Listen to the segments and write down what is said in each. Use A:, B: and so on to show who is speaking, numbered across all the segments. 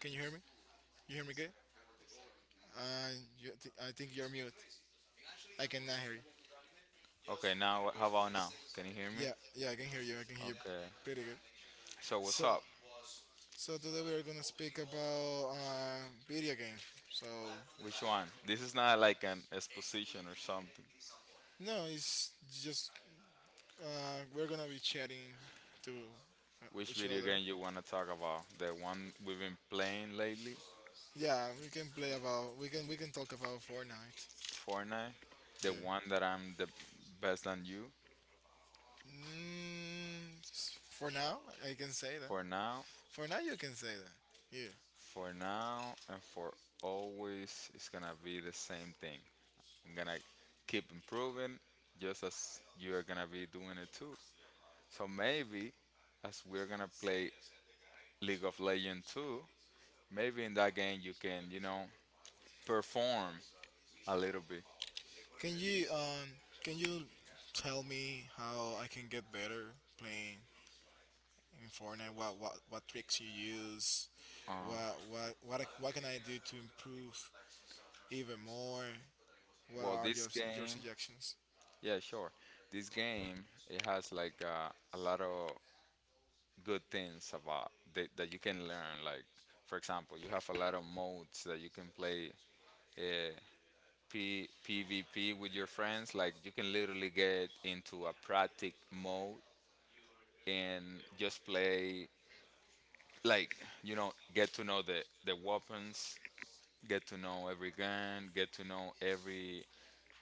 A: Can you hear me? You hear me good? Uh, I think you're mute. I cannot hear you.
B: Okay, now how about now? Can you hear me?
A: Yeah, yeah, I can hear you. I can hear you
B: Okay.
A: pretty good.
B: So what's
A: So,
B: up?
A: so today we are gonna speak about video games. So,
B: Which one? This is not like an exposition or something.
A: no, it's just uh, we're gonna be chatting to
B: Which
A: each
B: video
A: other.
B: game you wanna talk about? The one we've been playing lately,
A: Yeah, we can play about, we can talk about Fortnite.
B: Fortnite.
A: Yeah.
B: The one that I'm the best than you
A: For now, I can say that.
B: for now,
A: For now, you can say that. Yeah.
B: for now, and for always. It's gonna be the same thing. I'm gonna keep improving, just as you are gonna be doing it too. So maybe as we're gonna play League of Legends 2. Maybe in that game you can, you know, perform a little bit.
A: Can you um can you tell me how I can get better playing in Fortnite? What tricks you use?
B: Uh,
A: What can I do to improve even more? What
B: well,
A: are
B: this
A: your
B: game,
A: suggestions?
B: yeah, sure. This game it has like a lot of good things about that, that you can learn. Like, for example, you have a lot of modes that you can play uh, PvP with your friends. Like, you can literally get into a practice mode and just play like, you know, get to know the weapons, get to know every gun, get to know every,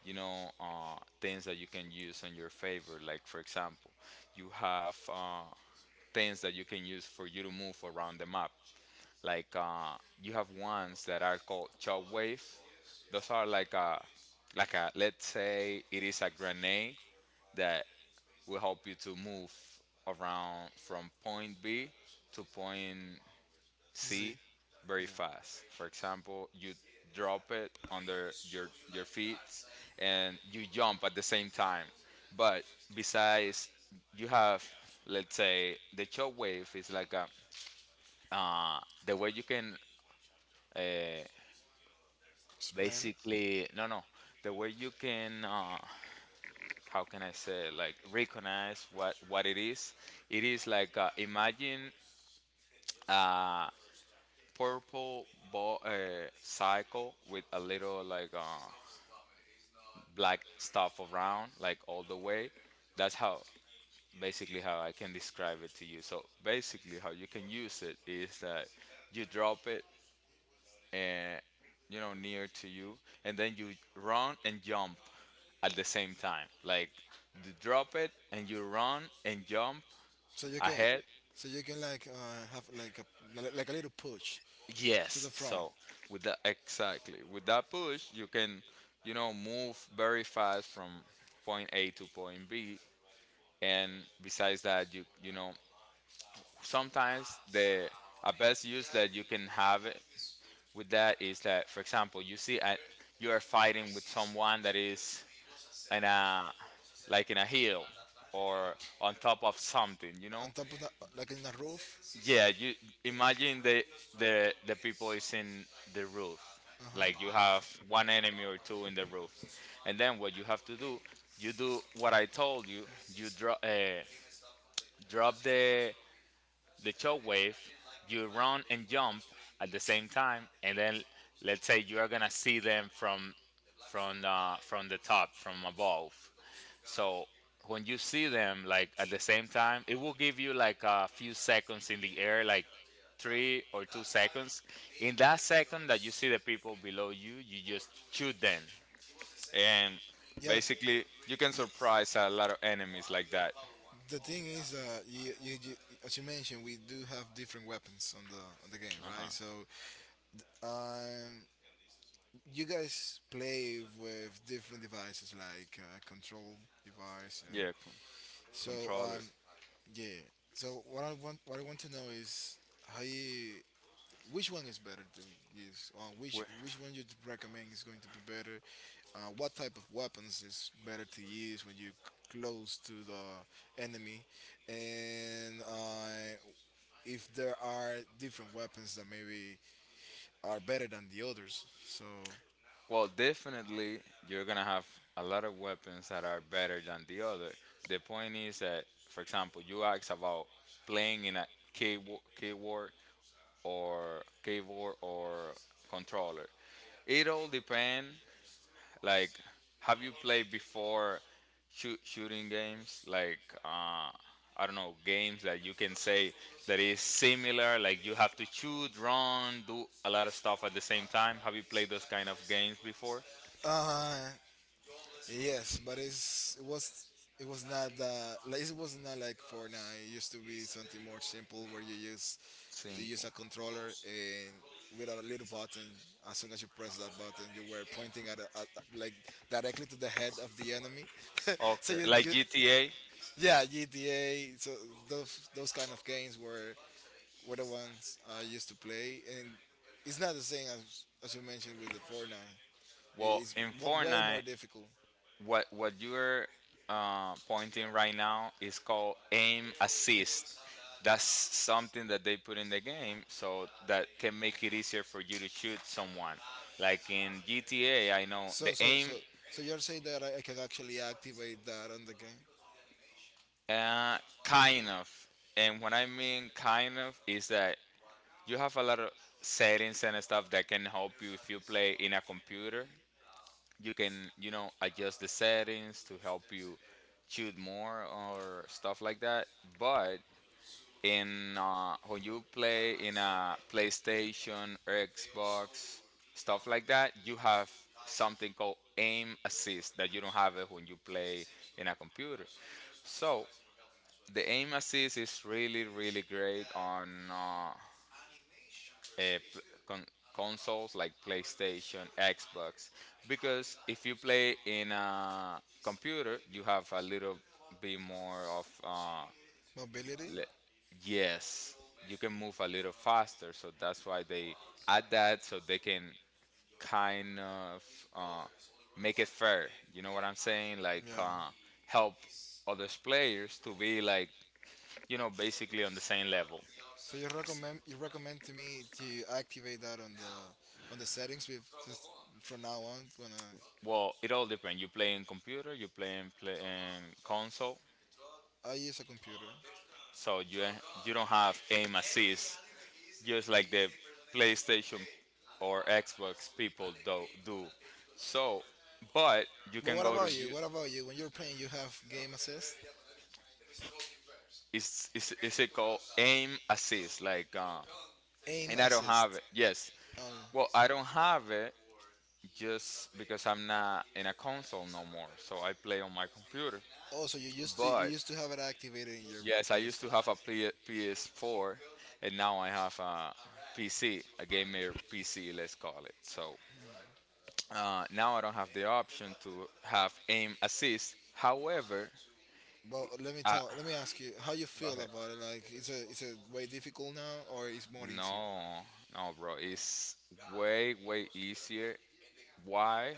B: you know, things that you can use in your favor. Like for example, you have things that you can use for you to move around the map. Like you have ones that are called chop wave. Those are like a like a, let's say it is a grenade that will help you to move around from point B to point
A: Z,
B: see very
A: yeah,
B: fast. For example, you drop it under your feet and you jump at the same time. But besides, you have, let's say the short wave is like a uh, the way you can uh,
A: explain it.
B: basically no no the way you can, how can I say, like recognize what it is. It is like, imagine a purple ball, cycle with a little like black stuff around, like all the way. That's how, basically how I can describe it to you. So basically how you can use it is that you drop it and, you know, near to you, and then you run and jump at the same time. Like you drop it and you run and jump
A: So you can,
B: ahead.
A: so you can like have like a like a little push to the
B: Yes.
A: front
B: So with that, exactly, with that push you can, you know, move very fast from point A to point B, and besides that, you know, sometimes the a best use that you can have it with that is that, for example, you see a, you are fighting with someone that is in a like in a hill or on top of something, you
A: on
B: know.
A: top of the like in the roof.
B: Yeah, you imagine the the people is in the roof.
A: Uh
B: Like you
A: huh.
B: have one enemy or two in the roof, and then what you have to do, you do what I told you. You drop drop the choke wave, you run and jump at the same time, and then, let's say you are gonna see them from the top, from above. So when you see them like at the same time, it will give you like a few seconds in the air, like 3 or 2 seconds. In that second that you see the people below you, you just shoot them, and
A: Yeah. that-
B: basically you can
A: Yeah.
B: surprise a lot of enemies like that.
A: The thing is, as you mentioned, we do have different weapons on the game,
B: Uh huh.
A: right? Um, you guys play with different devices like control device.
B: Yeah,
A: So,
B: controller.
A: um, yeah. So, what I want to know is how you, which one is better to use? Which one you'd recommend is going to be better? What type of weapons is better to use when you're close to the enemy? And if there are different weapons that maybe are better than the others, so.
B: Well, definitely, you're gonna have a lot of weapons that are better than the other. The point is that, for example, you asked about playing in a keyboard, keyboard keyboard or controller. It all depends. Like, have you played before shooting games? Like, I don't know, games that you can say that is similar. Like, you have to shoot, run, do a lot of stuff at the same time. Have you played those kind of games before?
A: Uh, Yes, but it was not that, like it was not like Fortnite. It used to be something more simple where you use to use
B: Simple.
A: a controller and with a little button. As soon as you press that button, you were pointing at, a, at like directly to the head of the enemy. so
B: Okay,
A: you,
B: like
A: you
B: GTA.
A: yeah, GTA. So those kind of games were the ones I used to play, and it's not the same as you mentioned with the Fortnite. It-
B: Well,
A: It's
B: in
A: Way more
B: Fortnite,
A: difficult.
B: what you're pointing right now is called aim assist. That's something that they put in the game so that can make it easier for you to shoot someone. Like in GTA, I know
A: So
B: the
A: so so
B: aim,
A: so you're saying that I could actually activate that on the game?
B: uh, kind of. And what I mean kind of is that you have a lot of settings and stuff that can help you. If you play in a computer, you can, you know, adjust the settings to help you shoot more or stuff like that. But in when you play in a PlayStation or Xbox, stuff like that, you have something called aim assist that you don't have it when you play in a computer. So the aim assist is really really great on uh, pl- con- consoles like PlayStation, Xbox, because if you play in a computer, you have a little bit more of
A: Mobility?
B: le- yes, you can move a little faster. So that's why they add that, so they can kind of uh, make it fair. You know what I'm saying? Like,
A: Yeah.
B: help other players to be like, you know, basically on the same level.
A: So you recommend to me to activate that on the settings with just from now on when
B: Well, it all depends. You play in computer, you play in, play in console,
A: I use a computer.
B: so you don't have aim assist, just like the PlayStation or Xbox people do. So, but you
A: But
B: can
A: what
B: go to
A: about you?
B: you.
A: What about you? When you're playing, you have game assist,
B: Is is it called aim assist? Like,
A: aim
B: and I don't
A: assist.
B: have it. Yes.
A: Um,
B: Well, I don't have it just because I'm not in a console no more. So I play on my computer.
A: also, you used to you
B: But
A: used to have it activated in your
B: yes, I used to
A: PlayStation.
B: have a PS4, and now I have a PC, a gamer PC, let's call it. So now I don't have the option to have aim assist. However,
A: But let me
B: uh,
A: tell, let me ask you, how you
B: go
A: feel
B: ahead.
A: about it? Like, is it, is it way difficult now, or is more easier?
B: No, no, bro, it's way, way easier. Why?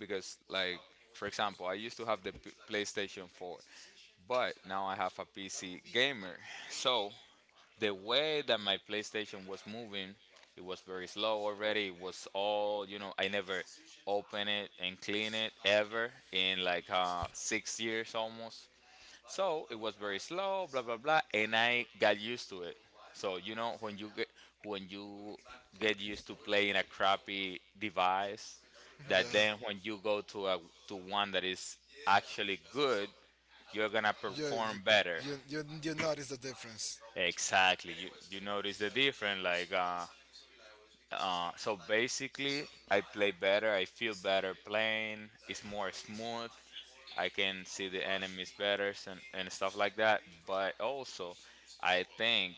B: Because, like, for example, I used to have the PlayStation 4, but now I have a PC gamer. So the way that my PlayStation was moving, it was very slow already. It was all, you know, I never open it and clean it ever in like 6 years almost. So it was very slow, blah blah blah, and I got used to it. So you know when you get used to playing a crappy device, that
A: yeah.
B: then when you go to a to one that is actually good, you're gonna
A: you
B: perform better.
A: you notice the difference.
B: Exactly. You notice the difference. Like so basically, I play better. I feel better playing. It's more smooth. I can see the enemies better and stuff like that. But also, I think,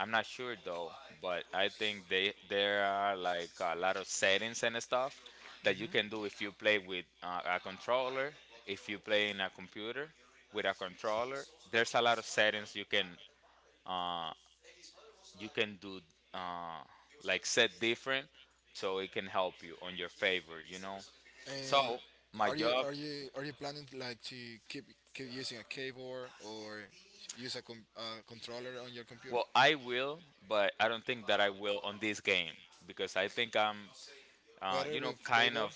B: I'm not sure though, but I think they there are like a lot of settings and stuff that you can do if you play with a controller, if you play in a computer with a controller. There's a lot of settings you can do uh, like set different, so it can help you on your favor, you know,
A: And
B: so my
A: are you
B: job,
A: are you are you planning to, like to keep, keep using a keyboard or use a controller on your computer?
B: well, I will, but I don't think that I will on this game because I think I'm
A: Better
B: you know,
A: with
B: kind
A: keyboard.
B: of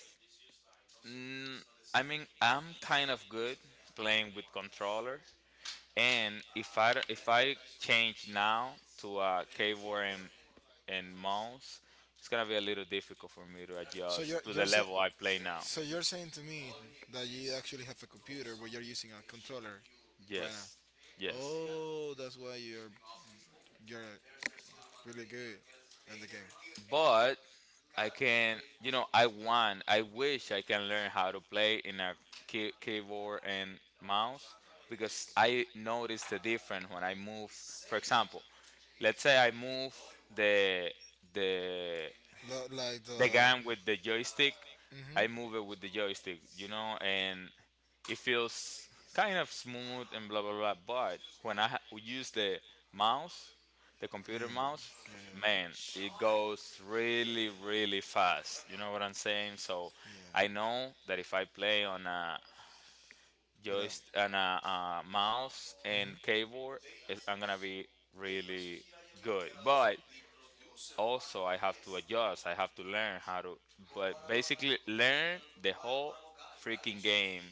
B: mm, I mean, I'm kind of good playing with controller, and if if I change now to a keyboard and mouse, it's gonna be a little difficult for me to
A: So
B: adjust
A: you're
B: to the
A: you're saying
B: level I play now.
A: so you're saying to me that you actually have a computer but you're using a controller right now.
B: Yes. Yes.
A: Oh, that's why you're really good in the game.
B: But I can, you know, I want, I wish I can learn how to play in a keyboard and mouse because I notice the difference when I move. For example, let's say I move the the
A: Lo- Like
B: the
A: the.
B: gun with the joystick.
A: Hmm.
B: I move it with the joystick, you know, and it feels kind of smooth and blah blah blah. But when I use the mouse, the computer
A: Yeah,
B: mouse,
A: yeah,
B: man, it goes really really fast. You know what I'm saying? So
A: yeah.
B: I know that if I play on a
A: Without.
B: joyst on a mouse and keyboard, I'm gonna be really good. But also I have to adjust. I have to learn how to, but basically learn the whole freaking game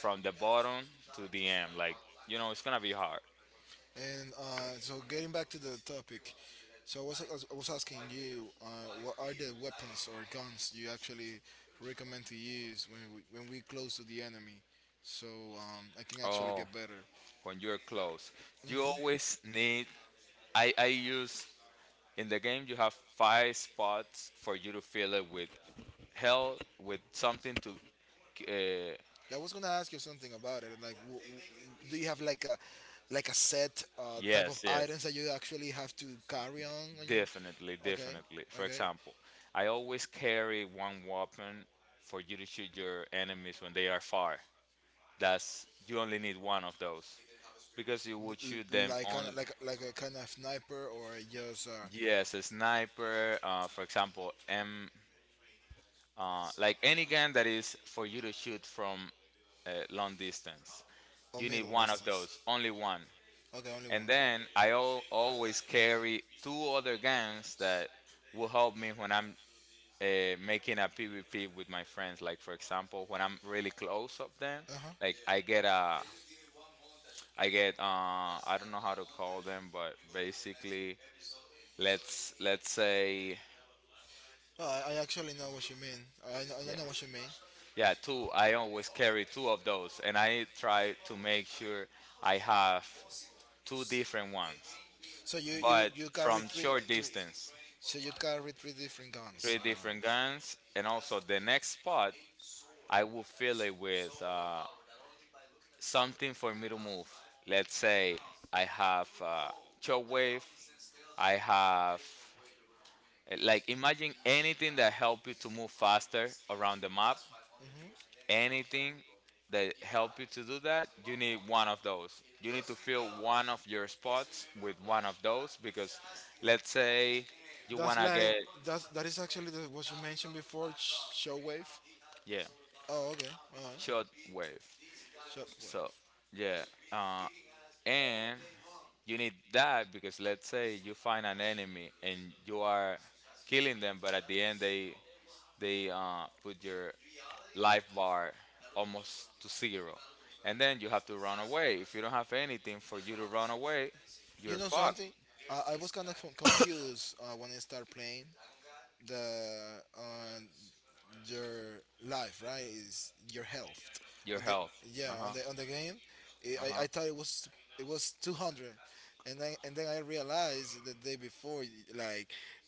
B: from the bottom to the end. Like, you know, it's gonna be hard.
A: And so getting back to the topic, so I was asking you, what are the weapons or guns you actually recommend to use when we close to the enemy, so I can
B: So,
A: actually
B: oh,
A: get better.
B: when you're close, you always need. I use in the game. You have five spots for you to fill it with hell with something to. Uh,
A: I was gonna ask you something about it. Like, do you have like a, like a set type of
B: yes,
A: items
B: yes.
A: that you actually have to carry on? When you,
B: Definitely,
A: okay,
B: definitely. For
A: okay,
B: example, I always carry one weapon for you to shoot your enemies when they are far. That's, you only need one of those because you
A: L-
B: would shoot them
A: like kind of
B: on
A: like a kind of sniper or just
B: yes, a sniper. For example, M like any gun that is for you to shoot from a long distance.
A: a
B: You need
A: middle
B: one of
A: distance.
B: those, only one.
A: Okay, only
B: And
A: one.
B: then I al always carry two other guns that will help me when I'm uh, making a PvP with my friends. Like for example, when I'm really close of them,
A: Uh huh.
B: like I get a, I get I don't know how to call them, but basically, let's say
A: Oh, I actually know what you mean. I
B: yeah,
A: know what you mean.
B: yeah, two. I always carry two of those, and I try to make sure I have two different ones,
A: So you you
B: but
A: you carry
B: from
A: three
B: short
A: three.
B: distance,
A: So you carry three different guns.
B: three different guns, and also the next spot I will fill it with something for me to move. Let's say I have shortwave. I have like imagine anything that help you to move faster around the map. Anything that help you to do that, you need one of those. You need to fill one of your spots with one of those because let's say you
A: That's
B: wanna
A: like,
B: get
A: that's that is actually the, what you mentioned before. Shockwave.
B: yeah,
A: Oh, okay. Alright.
B: shortwave. So
A: Shockwave.
B: yeah, uh, and you need that because let's say you find an enemy and you are killing them, but at the end they put your life bar almost to zero, and then you have to run away. If you don't have anything for you to run away, you're
A: You know
B: fucked.
A: something? I was kind of confused when I started playing the your life, right? Is your health
B: Your
A: on the
B: health,
A: yeah on
B: uh-huh.
A: the game. I, I thought
B: Uh-huh.
A: it was, it was 200, and then, and then I realized the day before, like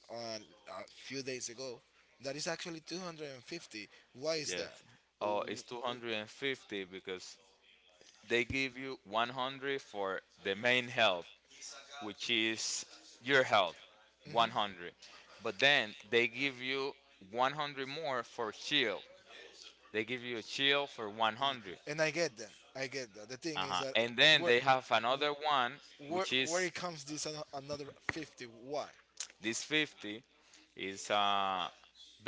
A: on a few days ago, that is actually 250. Why is
B: Yes,
A: that? W-
B: oh, it's
A: w-
B: 250 because they give you 100 for the main health, which is your health,
A: mhm.
B: 100. But then they give you 100 more for shield. They give you a shield for 100.
A: And I get that. I get that. The thing is
B: Uh-huh.
A: that
B: And then
A: where
B: they have another one,
A: where
B: which
A: where
B: is
A: it comes this another 50? Why?
B: this 50 is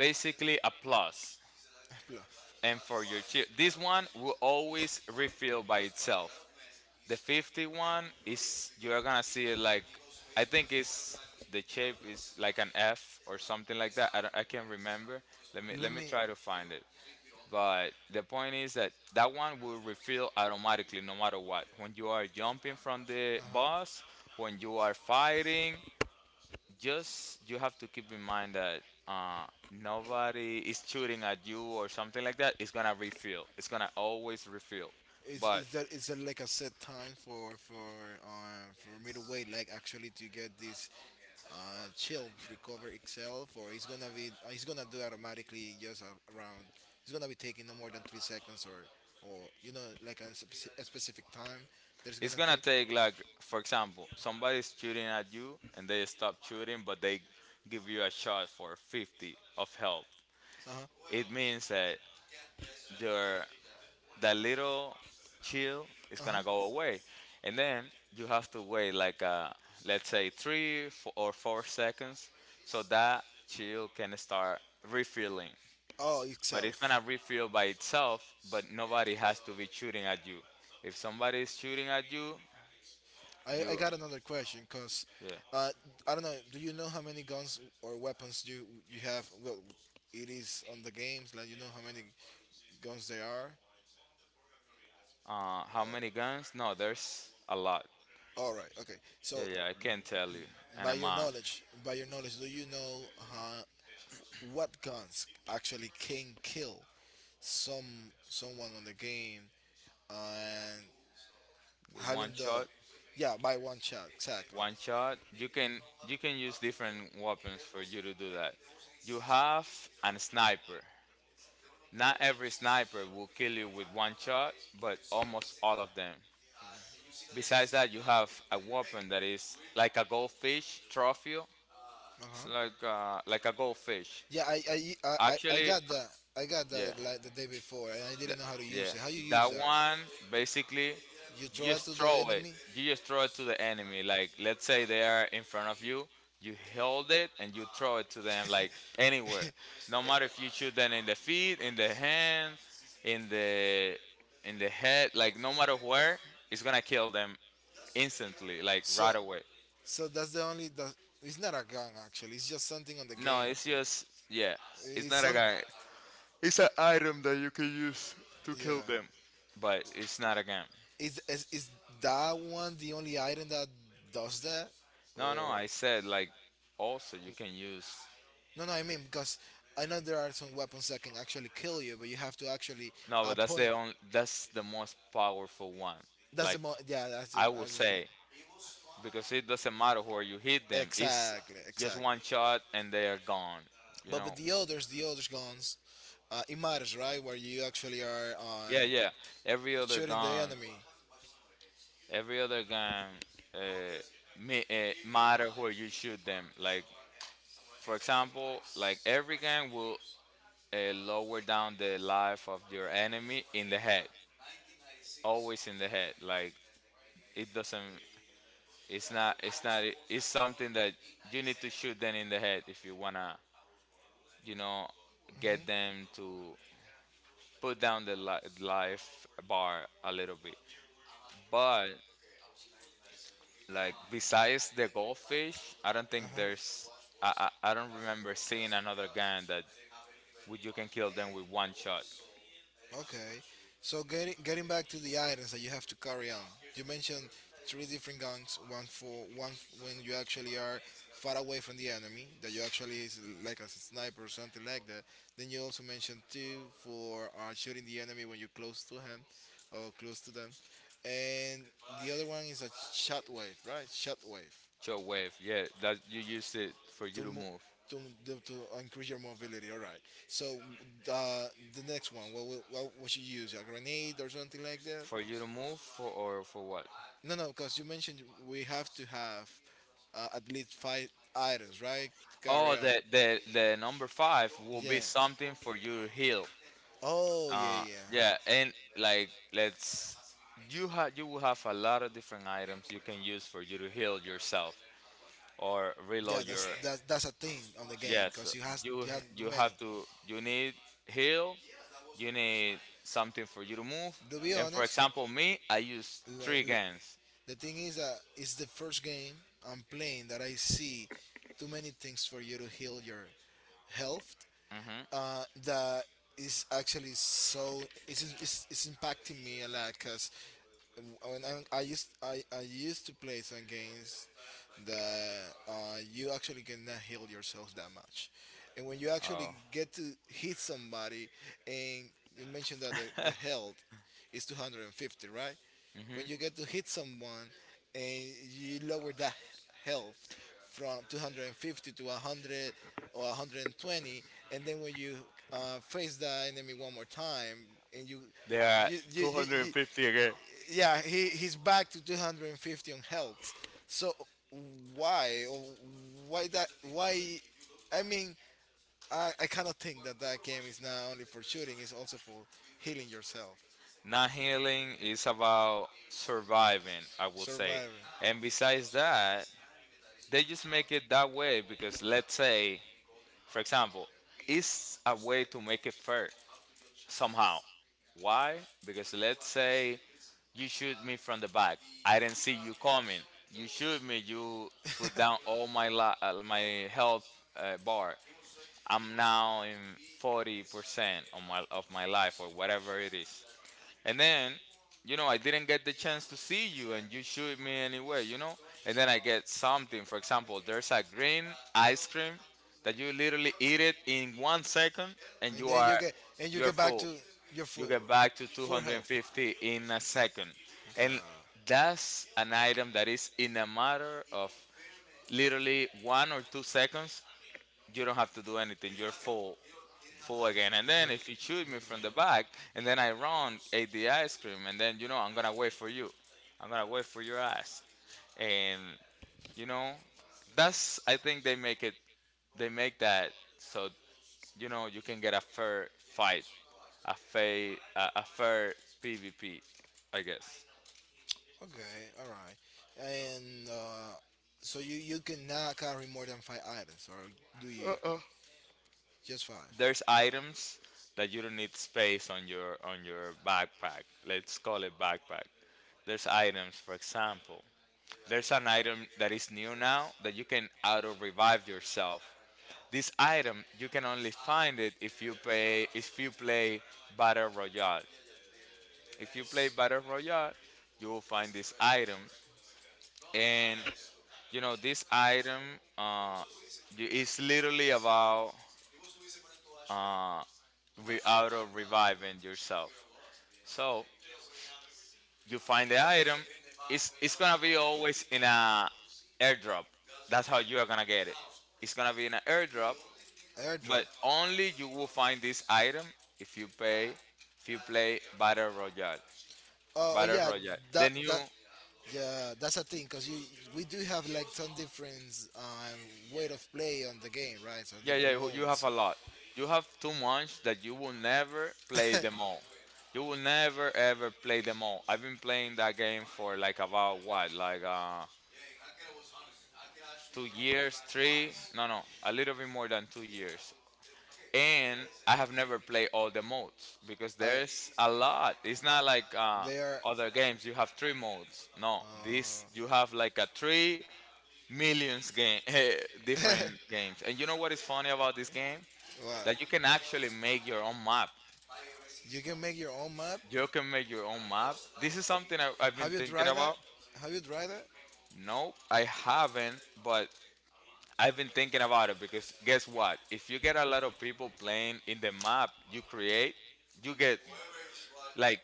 B: basically a plus.
A: Plus,
B: And for your shield, this one will always refill by itself. The 50 one is you're gonna see it like I think it's the shape is like an F or something like that. I can't remember. Let me
A: let
B: let me
A: me.
B: try to find it. But the point is that that one will refill automatically no matter what. When you are jumping from the
A: Uh-huh.
B: boss, when you are fighting, just you have to keep in mind that uh, nobody is shooting at you or something like that. It's gonna refill. It's gonna always refill.
A: Is
B: But
A: is that, is that like a set time for me to wait, like actually to get this uh, chill recover itself, or it's gonna be it's gonna do automatically just around, it's gonna be taking no more than 3 seconds, or you know like a, a specific time that it's
B: it's
A: gonna
B: gonna
A: take.
B: take like for example somebody's shooting at you and they stop shooting, but they give you a shot for 50 of health.
A: Uh-huh.
B: It means that their that little chill is gonna go
A: Uh-huh.
B: away, and then you have to wait like let's say or 4 seconds so that chill can start refilling.
A: Oh,
B: But it's
A: itself.
B: gonna refill by itself, but nobody has to be shooting at you. If somebody is shooting at you,
A: I
B: you,
A: got another question because
B: yeah.
A: uh I don't know, do you know how many guns or weapons you have, well, it is on the games, like you know how many guns there are?
B: How many guns? No, there's a lot.
A: All right. Okay.
B: Yeah,
A: So,
B: yeah, I can't tell you an
A: by your
B: amount.
A: knowledge, by your knowledge, do you know uh, what guns actually can kill some, someone on the game, and
B: With
A: having the yeah by one shot exactly.
B: one shot, you can use different weapons for you to do that. You have an sniper. Not every sniper will kill you with one shot, but almost all of them. Besides that, you have a weapon that is like a goldfish trophy.
A: Uh
B: It's
A: huh.
B: like a goldfish.
A: Yeah. I, I
B: Actually,
A: got that. I got that
B: yeah.
A: like the day before, and I didn't
B: Th-
A: know how to
B: Yeah,
A: use it. How you use
B: that
A: that?
B: one basically
A: You
B: you
A: throw it
B: just
A: to the
B: throw it.
A: enemy.
B: You just throw it to the enemy. Like let's say they are in front of you, you hold it and you throw it to them like anywhere. No matter if you shoot them in the feet, in the hand, in the in the head, like no matter where, it's gonna kill them instantly, like
A: so
B: right away.
A: so that's the only. The, it's not a gun actually. It's just something on the
B: No,
A: game.
B: it's just yeah, it's
A: It's
B: not a
A: some.
B: guy. It's an item that you can use to
A: Yeah.
B: kill them, but it's not a gun.
A: Is, is that one the only item that does that?
B: No, no,
A: Or
B: I said like also you can use
A: no, no, I mean because I know there are some weapons that can actually kill you, but you have to actually
B: no, but that's
A: point.
B: the only, that's the most powerful one.
A: That's the
B: Like
A: mo. Yeah, that's the,
B: I will
A: I just want.
B: say because it doesn't matter where you hit them. It's
A: Exactly,
B: just
A: exactly.
B: one shot and they are gone. You
A: But
B: know.
A: with the others guns, it matters, right? Where you actually are on
B: Yeah, yeah. Every other
A: shooting the
B: gun,
A: enemy.
B: every other gun, uh, matter where you shoot them. Like for example, like every gun will lower down the life of your enemy in the head. Always in the head. Like it doesn't. It's not. It's not. It's something that you need to shoot them in the head if you wanna, you know, get them to put down the life bar a little bit. But like besides the goldfish, I don't think
A: Uh-huh.
B: there's. I I don't remember seeing another gun that would you can kill them with one shot.
A: Okay. So getting, getting back to the items that you have to carry on. You mentioned three different guns. One for one when you actually are far away from the enemy, that you actually is like a sniper or something like that. Then you also mentioned two for shooting the enemy when you're close to him or close to them. And the other one is a shot wave, right? Shot wave
B: Short wave. Yeah, that you use it for you
A: to
B: to move.
A: to the, to increase your mobility. All right. So uh, the next one, what would you use? A grenade or something like that?
B: For you to move, for or for what?
A: No, no, because you mentioned we have to have at least five items, right? Carry
B: Oh,
A: on.
B: the number five will
A: Yeah.
B: be something for you to heal.
A: Oh yeah,
B: Uh,
A: yeah.
B: yeah, and like let's you have you will have a lot of different items you can use for you to heal yourself or
A: Yeah,
B: reload your
A: that's, that's a thing on the game
B: yes.
A: because you has,
B: You
A: you have too
B: you
A: many.
B: have to you need heal. You need something for you to move.
A: To be
B: And for
A: honest,
B: example, me, I use
A: l-
B: three
A: l-
B: guns.
A: the thing is that it's the first game I'm playing that I see too many things for you to heal your health
B: Mm-hmm.
A: that is actually so it's impacting me a lot because when I used to play some games that you actually cannot heal yourself that much, and when you actually
B: Oh.
A: get to hit somebody, and you mentioned that the health is 250, right? When you
B: Mm-hmm.
A: get to hit someone and you lower that health from 250 to 100 or 120, and then when you face the enemy one more time and you
B: They are
A: you you, you, you
B: 250 again.
A: yeah, he's back to 250 on health. So why why that why? I mean, I cannot think that that game is not only for shooting; it's also for healing yourself,
B: Not healing is about surviving, I will say.
A: surviving,
B: And besides that, they just make it that way because let's say for example it's a way to make it fair somehow. Why? Because let's say you shoot me from the back, I didn't see you coming, you shoot me, you put down all my my health bar. I'm now in 40% of of my life or whatever it is, and then, you know, I didn't get the chance to see you and you shoot me anyway, you know? And then I get something. For example, there's a green ice cream that you literally eat it in 1 second and
A: and
B: you
A: then
B: are
A: you get, and you
B: you're
A: get back to
B: full.
A: your
B: You
A: full,
B: get back to
A: full health.
B: 250 in a second.
A: God,
B: And that's an item that is in a matter of literally 1 or 2 seconds. You don't have to do anything. You're full full again. And
A: you
B: then if you shoot me from the back, and then I run, ate the ice cream, and then you know I'm gonna wait for you. I'm gonna wait for your ass. And you know, that's I think they make it. They make that so you know you can get a fair fight, a fair a fair PvP, I guess.
A: okay, all right, and so you cannot carry more than five items, or do you? Just five.
B: There's items that you don't need space on your backpack. Let's call it backpack. There's items, for example. There's an item that is new now that you can auto revive yourself. This item you can only find it if you pay if you play Battle Royale. If you play Battle Royale, you will find this item, and you know this item uh, is literally about uh, auto reviving yourself. So you find the item. It's gonna be always in a airdrop. That's how you are gonna get it. It's gonna be in an airdrop,
A: Airdrop.
B: but only you will find this item if you pay if you play battle royale,
A: Oh, oh
B: battle
A: yeah,
B: royale
A: that
B: then you
A: that yeah, that's a thing because you we do have like some different way of play on the game, right? So
B: yeah, yeah,
A: different
B: you have
A: modes.
B: a lot. You have too much that you will never play them all. You will never ever play them all. I've been playing that game for like about what like 2 years, three, no, no, a little bit more than 2 years, and I have never played all the modes because
A: I
B: there's a lot. It's not like
A: they are.
B: other games you have three modes. No,
A: Uh,
B: this you have like a three millions game different games. And you know what is funny about this game?
A: what?
B: That you can actually make your own map.
A: You can make your own map.
B: You can make your own map. This is something I've been
A: Have you
B: thinking
A: tried that?
B: about.
A: Have you tried that?
B: Nope, I haven't, but I've been thinking about it because guess what? If you get a lot of people playing in the map you create, you get like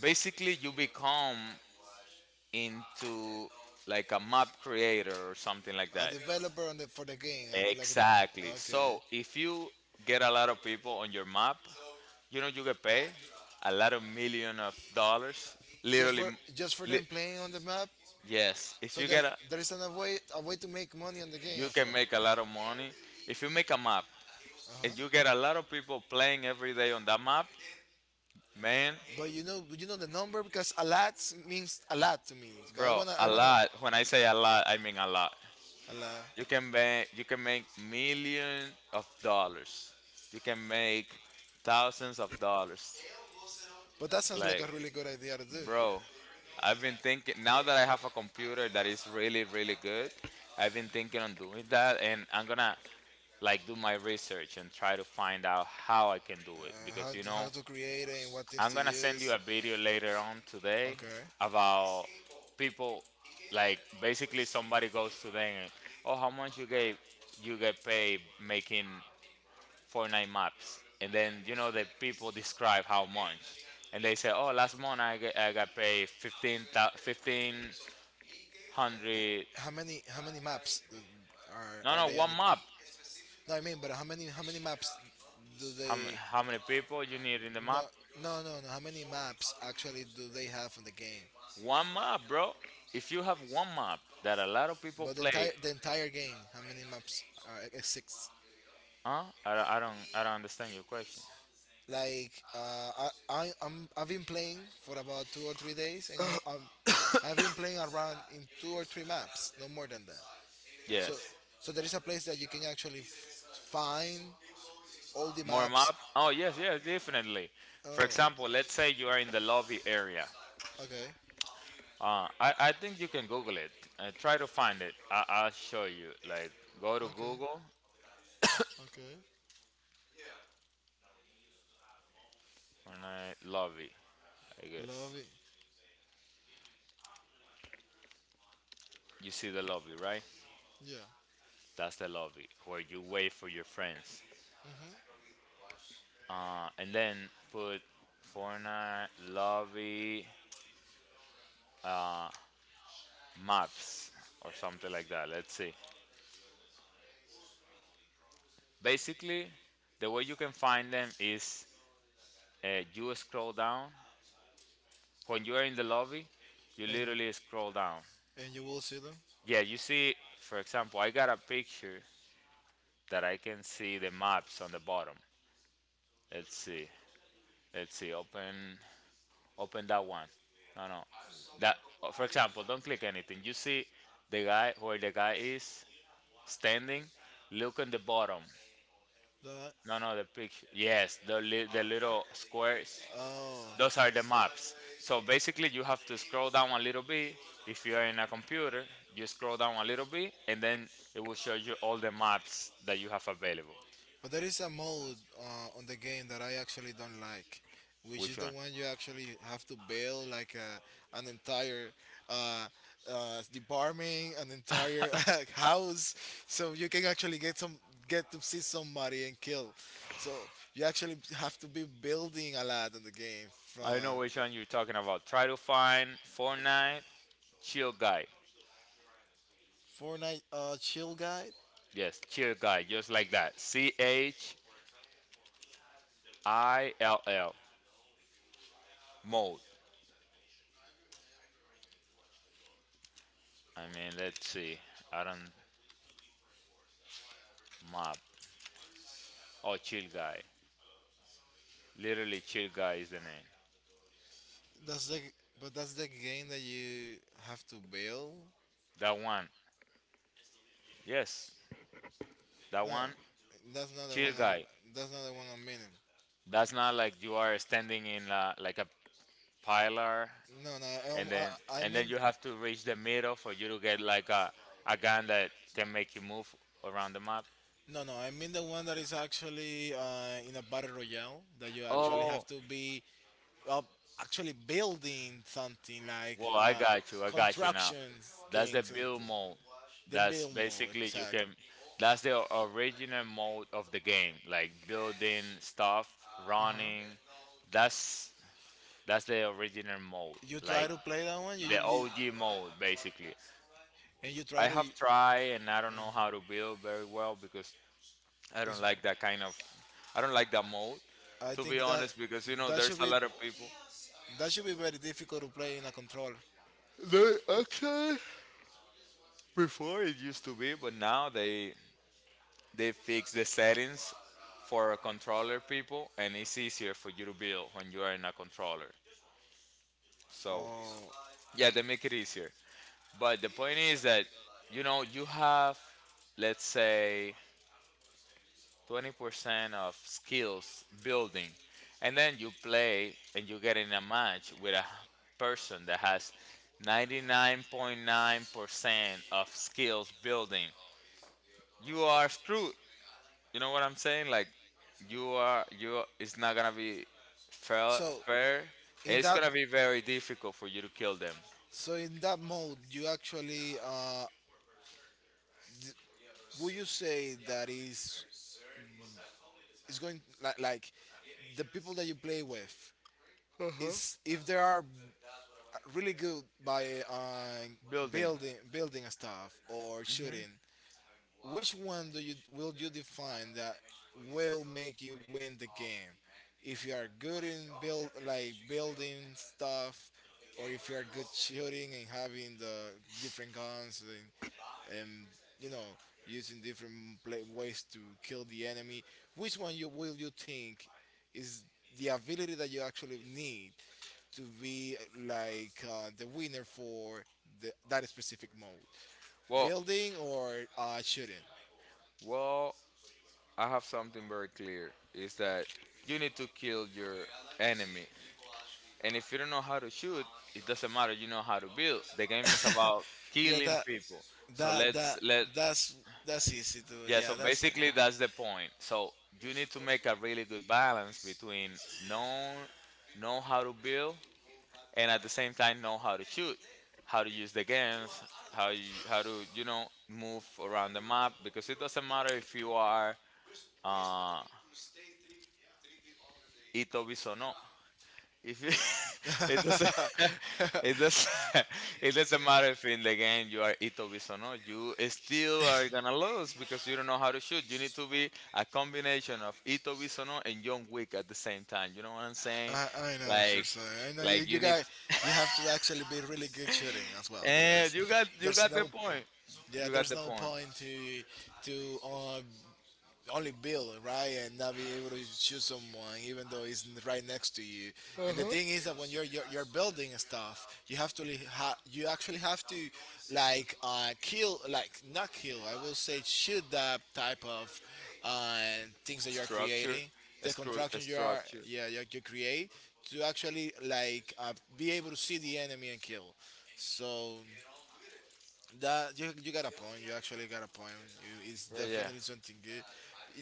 B: basically you become into like a map creator or something like
A: A
B: that.
A: developer on the for the game, like, like.
B: Exactly,
A: Okay.
B: so if you get a lot of people on your map, you know, you get paid a lot of million of dollars,
A: Just
B: literally
A: for, just for
B: li-
A: them playing on the map.
B: yes, if
A: So
B: you
A: there
B: get a
A: there is an, a way, a way to make money on the game
B: you
A: as
B: can
A: well.
B: make a lot of money if you make a map and you get a lot of people playing every day on that map, man.
A: But you know, you know the number, because a lot means a lot to me. I
B: Bro,
A: wanna
B: a
A: I wanna
B: lot, when I say a lot I mean a lot.
A: a lot.
B: You can make millions of dollars. You can make thousands of dollars.
A: But that sounds like
B: Like,
A: a really good idea to do.
B: bro, I've been thinking now that I have a computer that is really really good. I've been thinking on doing that, and I'm gonna like do my research and try to find out how I can do it
A: Uh,
B: because you know
A: how to create it and what things
B: I'm
A: to
B: gonna send you
A: use.
B: a video later on today
A: Okay.
B: about people like basically somebody goes to them and oh how much you get, you get paid making Fortnite maps, and then you know the people describe how much, and they say oh last month I got paid 15, 1500.
A: How many maps do,
B: No,
A: are
B: no,
A: they on
B: one
A: the?
B: map.
A: No, I mean, but how many maps do
B: how, m-
A: they?
B: how many people you need in the
A: No,
B: map?
A: no, no, no. How many maps actually do they have on the game?
B: One map, bro. If you have one map that a lot of people
A: But the entire
B: play.
A: the entire game, how many maps are exist?
B: Huh? I don't, I don't understand your question.
A: Like I've been playing for about 2 or 3 days, and I'm I've been playing around in two or three maps, no more than that. So,
B: Yes.
A: so there is a place that you can actually find all the
B: More
A: maps.
B: map? Oh yes, yes, definitely. For example,
A: Oh,
B: let's say you are in the lobby area.
A: okay,
B: I think you can Google it. Try to find it. I'll show you. Like go to
A: okay,
B: Google
A: okay.
B: and I lobby. I guess
A: Love it.
B: you see the lobby, right?
A: Yeah,
B: That's the lobby where you wait for your friends. And then put Fortnite lobby maps or something like that. Let's see. Basically, the way you can find them is you scroll down. When you are in the lobby, you
A: and
B: literally scroll down.
A: and you will see them.
B: Yeah, you see, for example, I got a picture that I can see the maps on the bottom. Let's see. Let's see. Open that one. No, no. That oh, for example, don't click anything. You see the guy where the guy is standing. Look on the bottom.
A: That.
B: No, no, the picture. Yes, the little squares.
A: Oh,
B: Those are the maps. So basically, you have to scroll down a little bit. If you're in a computer, you scroll down a little bit, and then it will show you all the maps that you have available.
A: but there is a mode on the game that I actually don't like, which
B: Which
A: is the
B: one?
A: one you actually have to build like a, an entire uh, department, an entire house, so you can actually get some get to see somebody and kill. So you actually have to be building a lot in the game.
B: I don't know
A: From
B: which one you're talking about. Try to find Fortnite Chill Guy.
A: Fortnite Chill Guide,
B: Yes, Chill Guy, just like that. Chill mode. I mean, let's see. I don't map. Oh, Chill Guy. Literally, Chill Guy is the name.
A: that's the, but that's the game that you have to build.
B: That one. Yes, that
A: No,
B: one. Chill Guy.
A: that's not the one I'm meaning.
B: That's not like you are standing in a, like a pillar,
A: No, no,
B: and
A: um,
B: then
A: I, I
B: and then
A: mean,
B: you have to reach the middle for you to get like a gun that can make you move around the map.
A: no, no, I mean the one that is actually in a battle royale that you actually
B: Oh,
A: have to be uh, actually building something like
B: well, I got you. I got you now.
A: constructions
B: That's the
A: things and
B: build mode.
A: the
B: That's
A: build mode
B: basically you can.
A: exactly.
B: That's the original mode of the game, like building stuff,
A: Uh-huh.
B: running. That's that's the original mode,
A: You try
B: like
A: to play that one,
B: the OG mode, basically.
A: and you try
B: I
A: to.
B: have tried and I don't know how to build very well because I don't
A: Is
B: like that kind of I don't like that mode
A: I
B: to be
A: think that
B: honest because you know
A: that should
B: there's a
A: be
B: lot of people
A: that should be very difficult to play in a controller.
B: they actually before it used to be but now they fix the settings for a controller people and it's easier for you to build when you are in a controller so
A: Oh,
B: yeah they make it easier but the point is that you know you have let's say 20% of skills building and then you play and you get in a match with a person that has 99.9% of skills building you are screwed you know what I'm saying like you it's not gonna be fair
A: so
B: fair.
A: in
B: It's
A: that
B: gonna be very difficult for you to kill them
A: so in that mode, you actually would you say that is going like the people that you play with is if they are really good by
B: building.
A: building stuff or shooting? Which one do you will you define that will make you win the game? If you are good in build like building stuff, or if you are good shooting and having the different guns and you know using different pla ways to kill the enemy, which one you will you think is the ability that you actually need to be like the winner for that specific mode?
B: well
A: Building or shooting?
B: well I have something very clear is that you need to kill your enemy. And if you don't know how to shoot, it doesn't matter. You know how to build. The game is about
A: Yeah,
B: killing people. So
A: that
B: let's
A: that
B: let
A: that's that's easy to.
B: yeah. So
A: Yeah, that's. A,
B: basically, that's the point. So you need to make a really good balance between know know how to build and at the same time know how to shoot, how to use the guns, how to you know move around the map because it doesn't matter if you are uh, Ito Bisono. If you, it doesn't, it doesn't, it doesn't matter if in the game you are Itobi's or not. You still are gonna lose because you don't know how to shoot. You need to be a combination of Itobi's or not and John Wick at the same time. You know what I'm saying?
A: I know what you're
B: Like,
A: saying. I know
B: like
A: you
B: you need.
A: guys, you have to actually be really good shooting as well,
B: And
A: because
B: you got, you
A: there's
B: got
A: no
B: the point.
A: yeah,
B: You got
A: there's
B: the
A: no
B: point.
A: point to only build right and not be able to choose someone even though it's right next to you. And the thing is that when you're building stuff you have to you actually have to like kill like not kill I will say shoot that type of uh, things that you're
B: Structure,
A: creating the
B: screw
A: construction you are
B: structure.
A: yeah you create to actually like be able to see the enemy and kill. So that you got a point. You actually got a point. You, it's
B: Yeah, yeah.
A: definitely something good.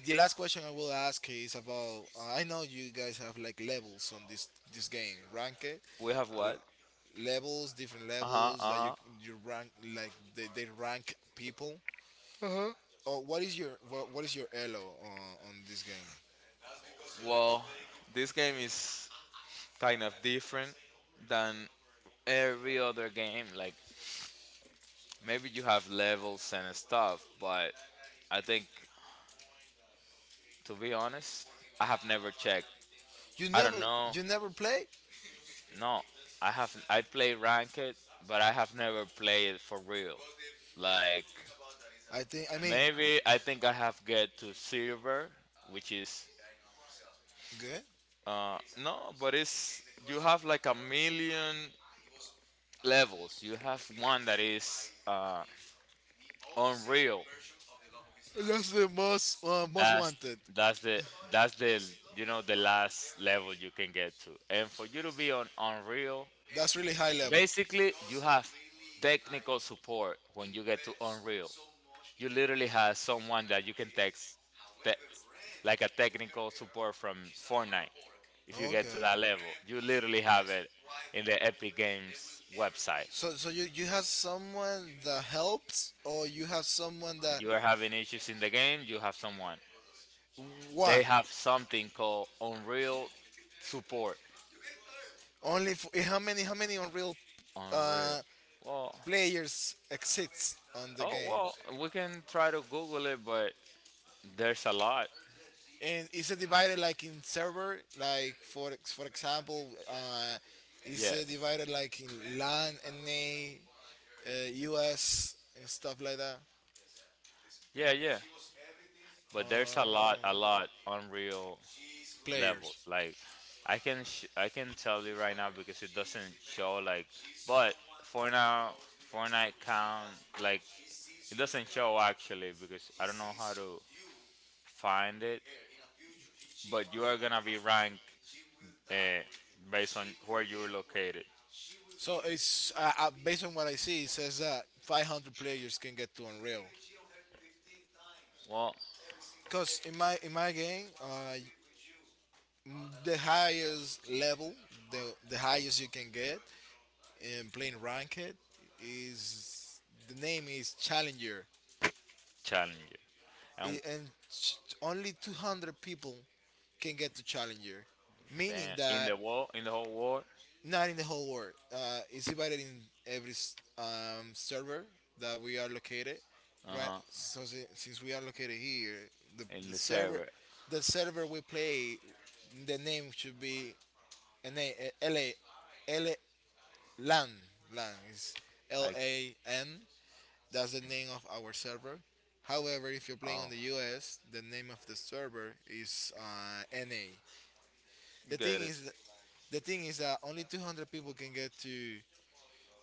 A: The last question I will ask is about. I know you guys have like levels on this game. Rank it.
B: We have
A: L-
B: what?
A: levels, different
B: Uh huh.
A: levels that
B: Uh
A: you rank like they rank people.
B: huh.
A: Oh, what is your what is your elo on this game?
B: Well, this game is kind of different than every other game. Like maybe you have levels and stuff, but I think to be honest, I have never checked.
A: You
B: I don't
A: never
B: know.
A: you never play.
B: No, I have. I play ranked, but I have never played it for real. Like
A: I think I mean
B: maybe I think I have get to silver, which is
A: good.
B: no, but it's you have like a million levels. You have one that is unreal.
A: That's the most most
B: That's
A: wanted.
B: that's the that's the you know the last level you can get to. And for you to be on Unreal,
A: That's really high level.
B: basically you have technical support when you get to Unreal. You literally have someone that you can text te- like a technical support from Fortnite. If you get to
A: Okay.
B: that level, you literally have it in the Epic Games website.
A: So you have someone that helps or you have someone that
B: You are having issues in the game, you have someone. They
A: why?
B: have something called Unreal support.
A: Only f how many unreal
B: Unreal.
A: uh
B: Well,
A: players exist on the
B: oh
A: game?
B: well, we can try to Google it, but there's a lot.
A: And is it divided like in server like for for example is
B: Yeah,
A: it divided like in LAN and NA, U.S. and stuff like that.
B: yeah, yeah. But there's
A: Oh,
B: a lot Unreal
A: players.
B: levels. Like, I can tell you right now because it doesn't show. Like, but for now, Fortnite count like it doesn't show actually because I don't know how to find it. But you are gonna be ranked uh, based on where you're located.
A: So it's based on what I see. It says that 500 players can get to Unreal.
B: Well,
A: Cause in my game, m- the highest level, the the highest you can get in playing ranked is the name is Challenger,
B: challenger
A: I
B: and
A: and ch- only 200 people can get to Challenger, meaning
B: then in
A: that
B: the world, in the whole world.
A: not in the whole world. It's divided in every server that we are located.
B: Uh
A: Right.
B: huh.
A: So since we are located here, the,
B: In
A: the server,
B: Lucero.
A: the server we play, the name should be NALALA LAN. LAN is L
B: I
A: A N. That's the name of our server. However, if you're playing
B: oh,
A: on the US, the name of the server is NA. The thing
B: got it.
A: is, the thing is that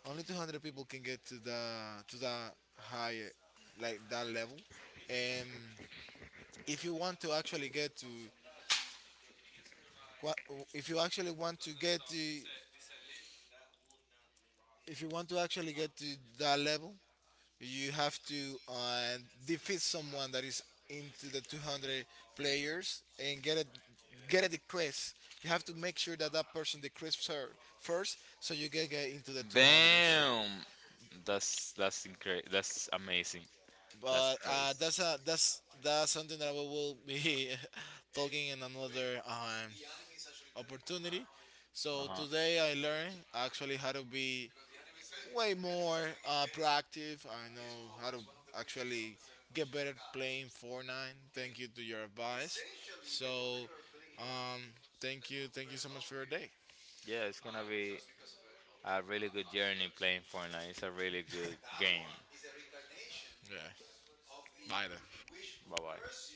A: only 200 people can get to the higher like that level. And if you want to actually get to qua- if you actually want to get to if you want to actually get to that level you have to defeat someone that is into the 200 players and get a decrease. You have to make sure that that person decreases her first so you can get into the 200s.
B: Damn, that's incredible. That's amazing. That's
A: But
B: crazy.
A: that's that's something that we will be talking in another opportunity.
B: Uh
A: So
B: huh.
A: today I learned actually how to be way more proactive. I know how to actually get better playing Fortnite. Thank you to your advice. So um, thank you so much for your day.
B: Yeah, it's gonna be a really good journey playing Fortnite. It's a really good game.
A: Yeah. Bye then.
B: Bye bye.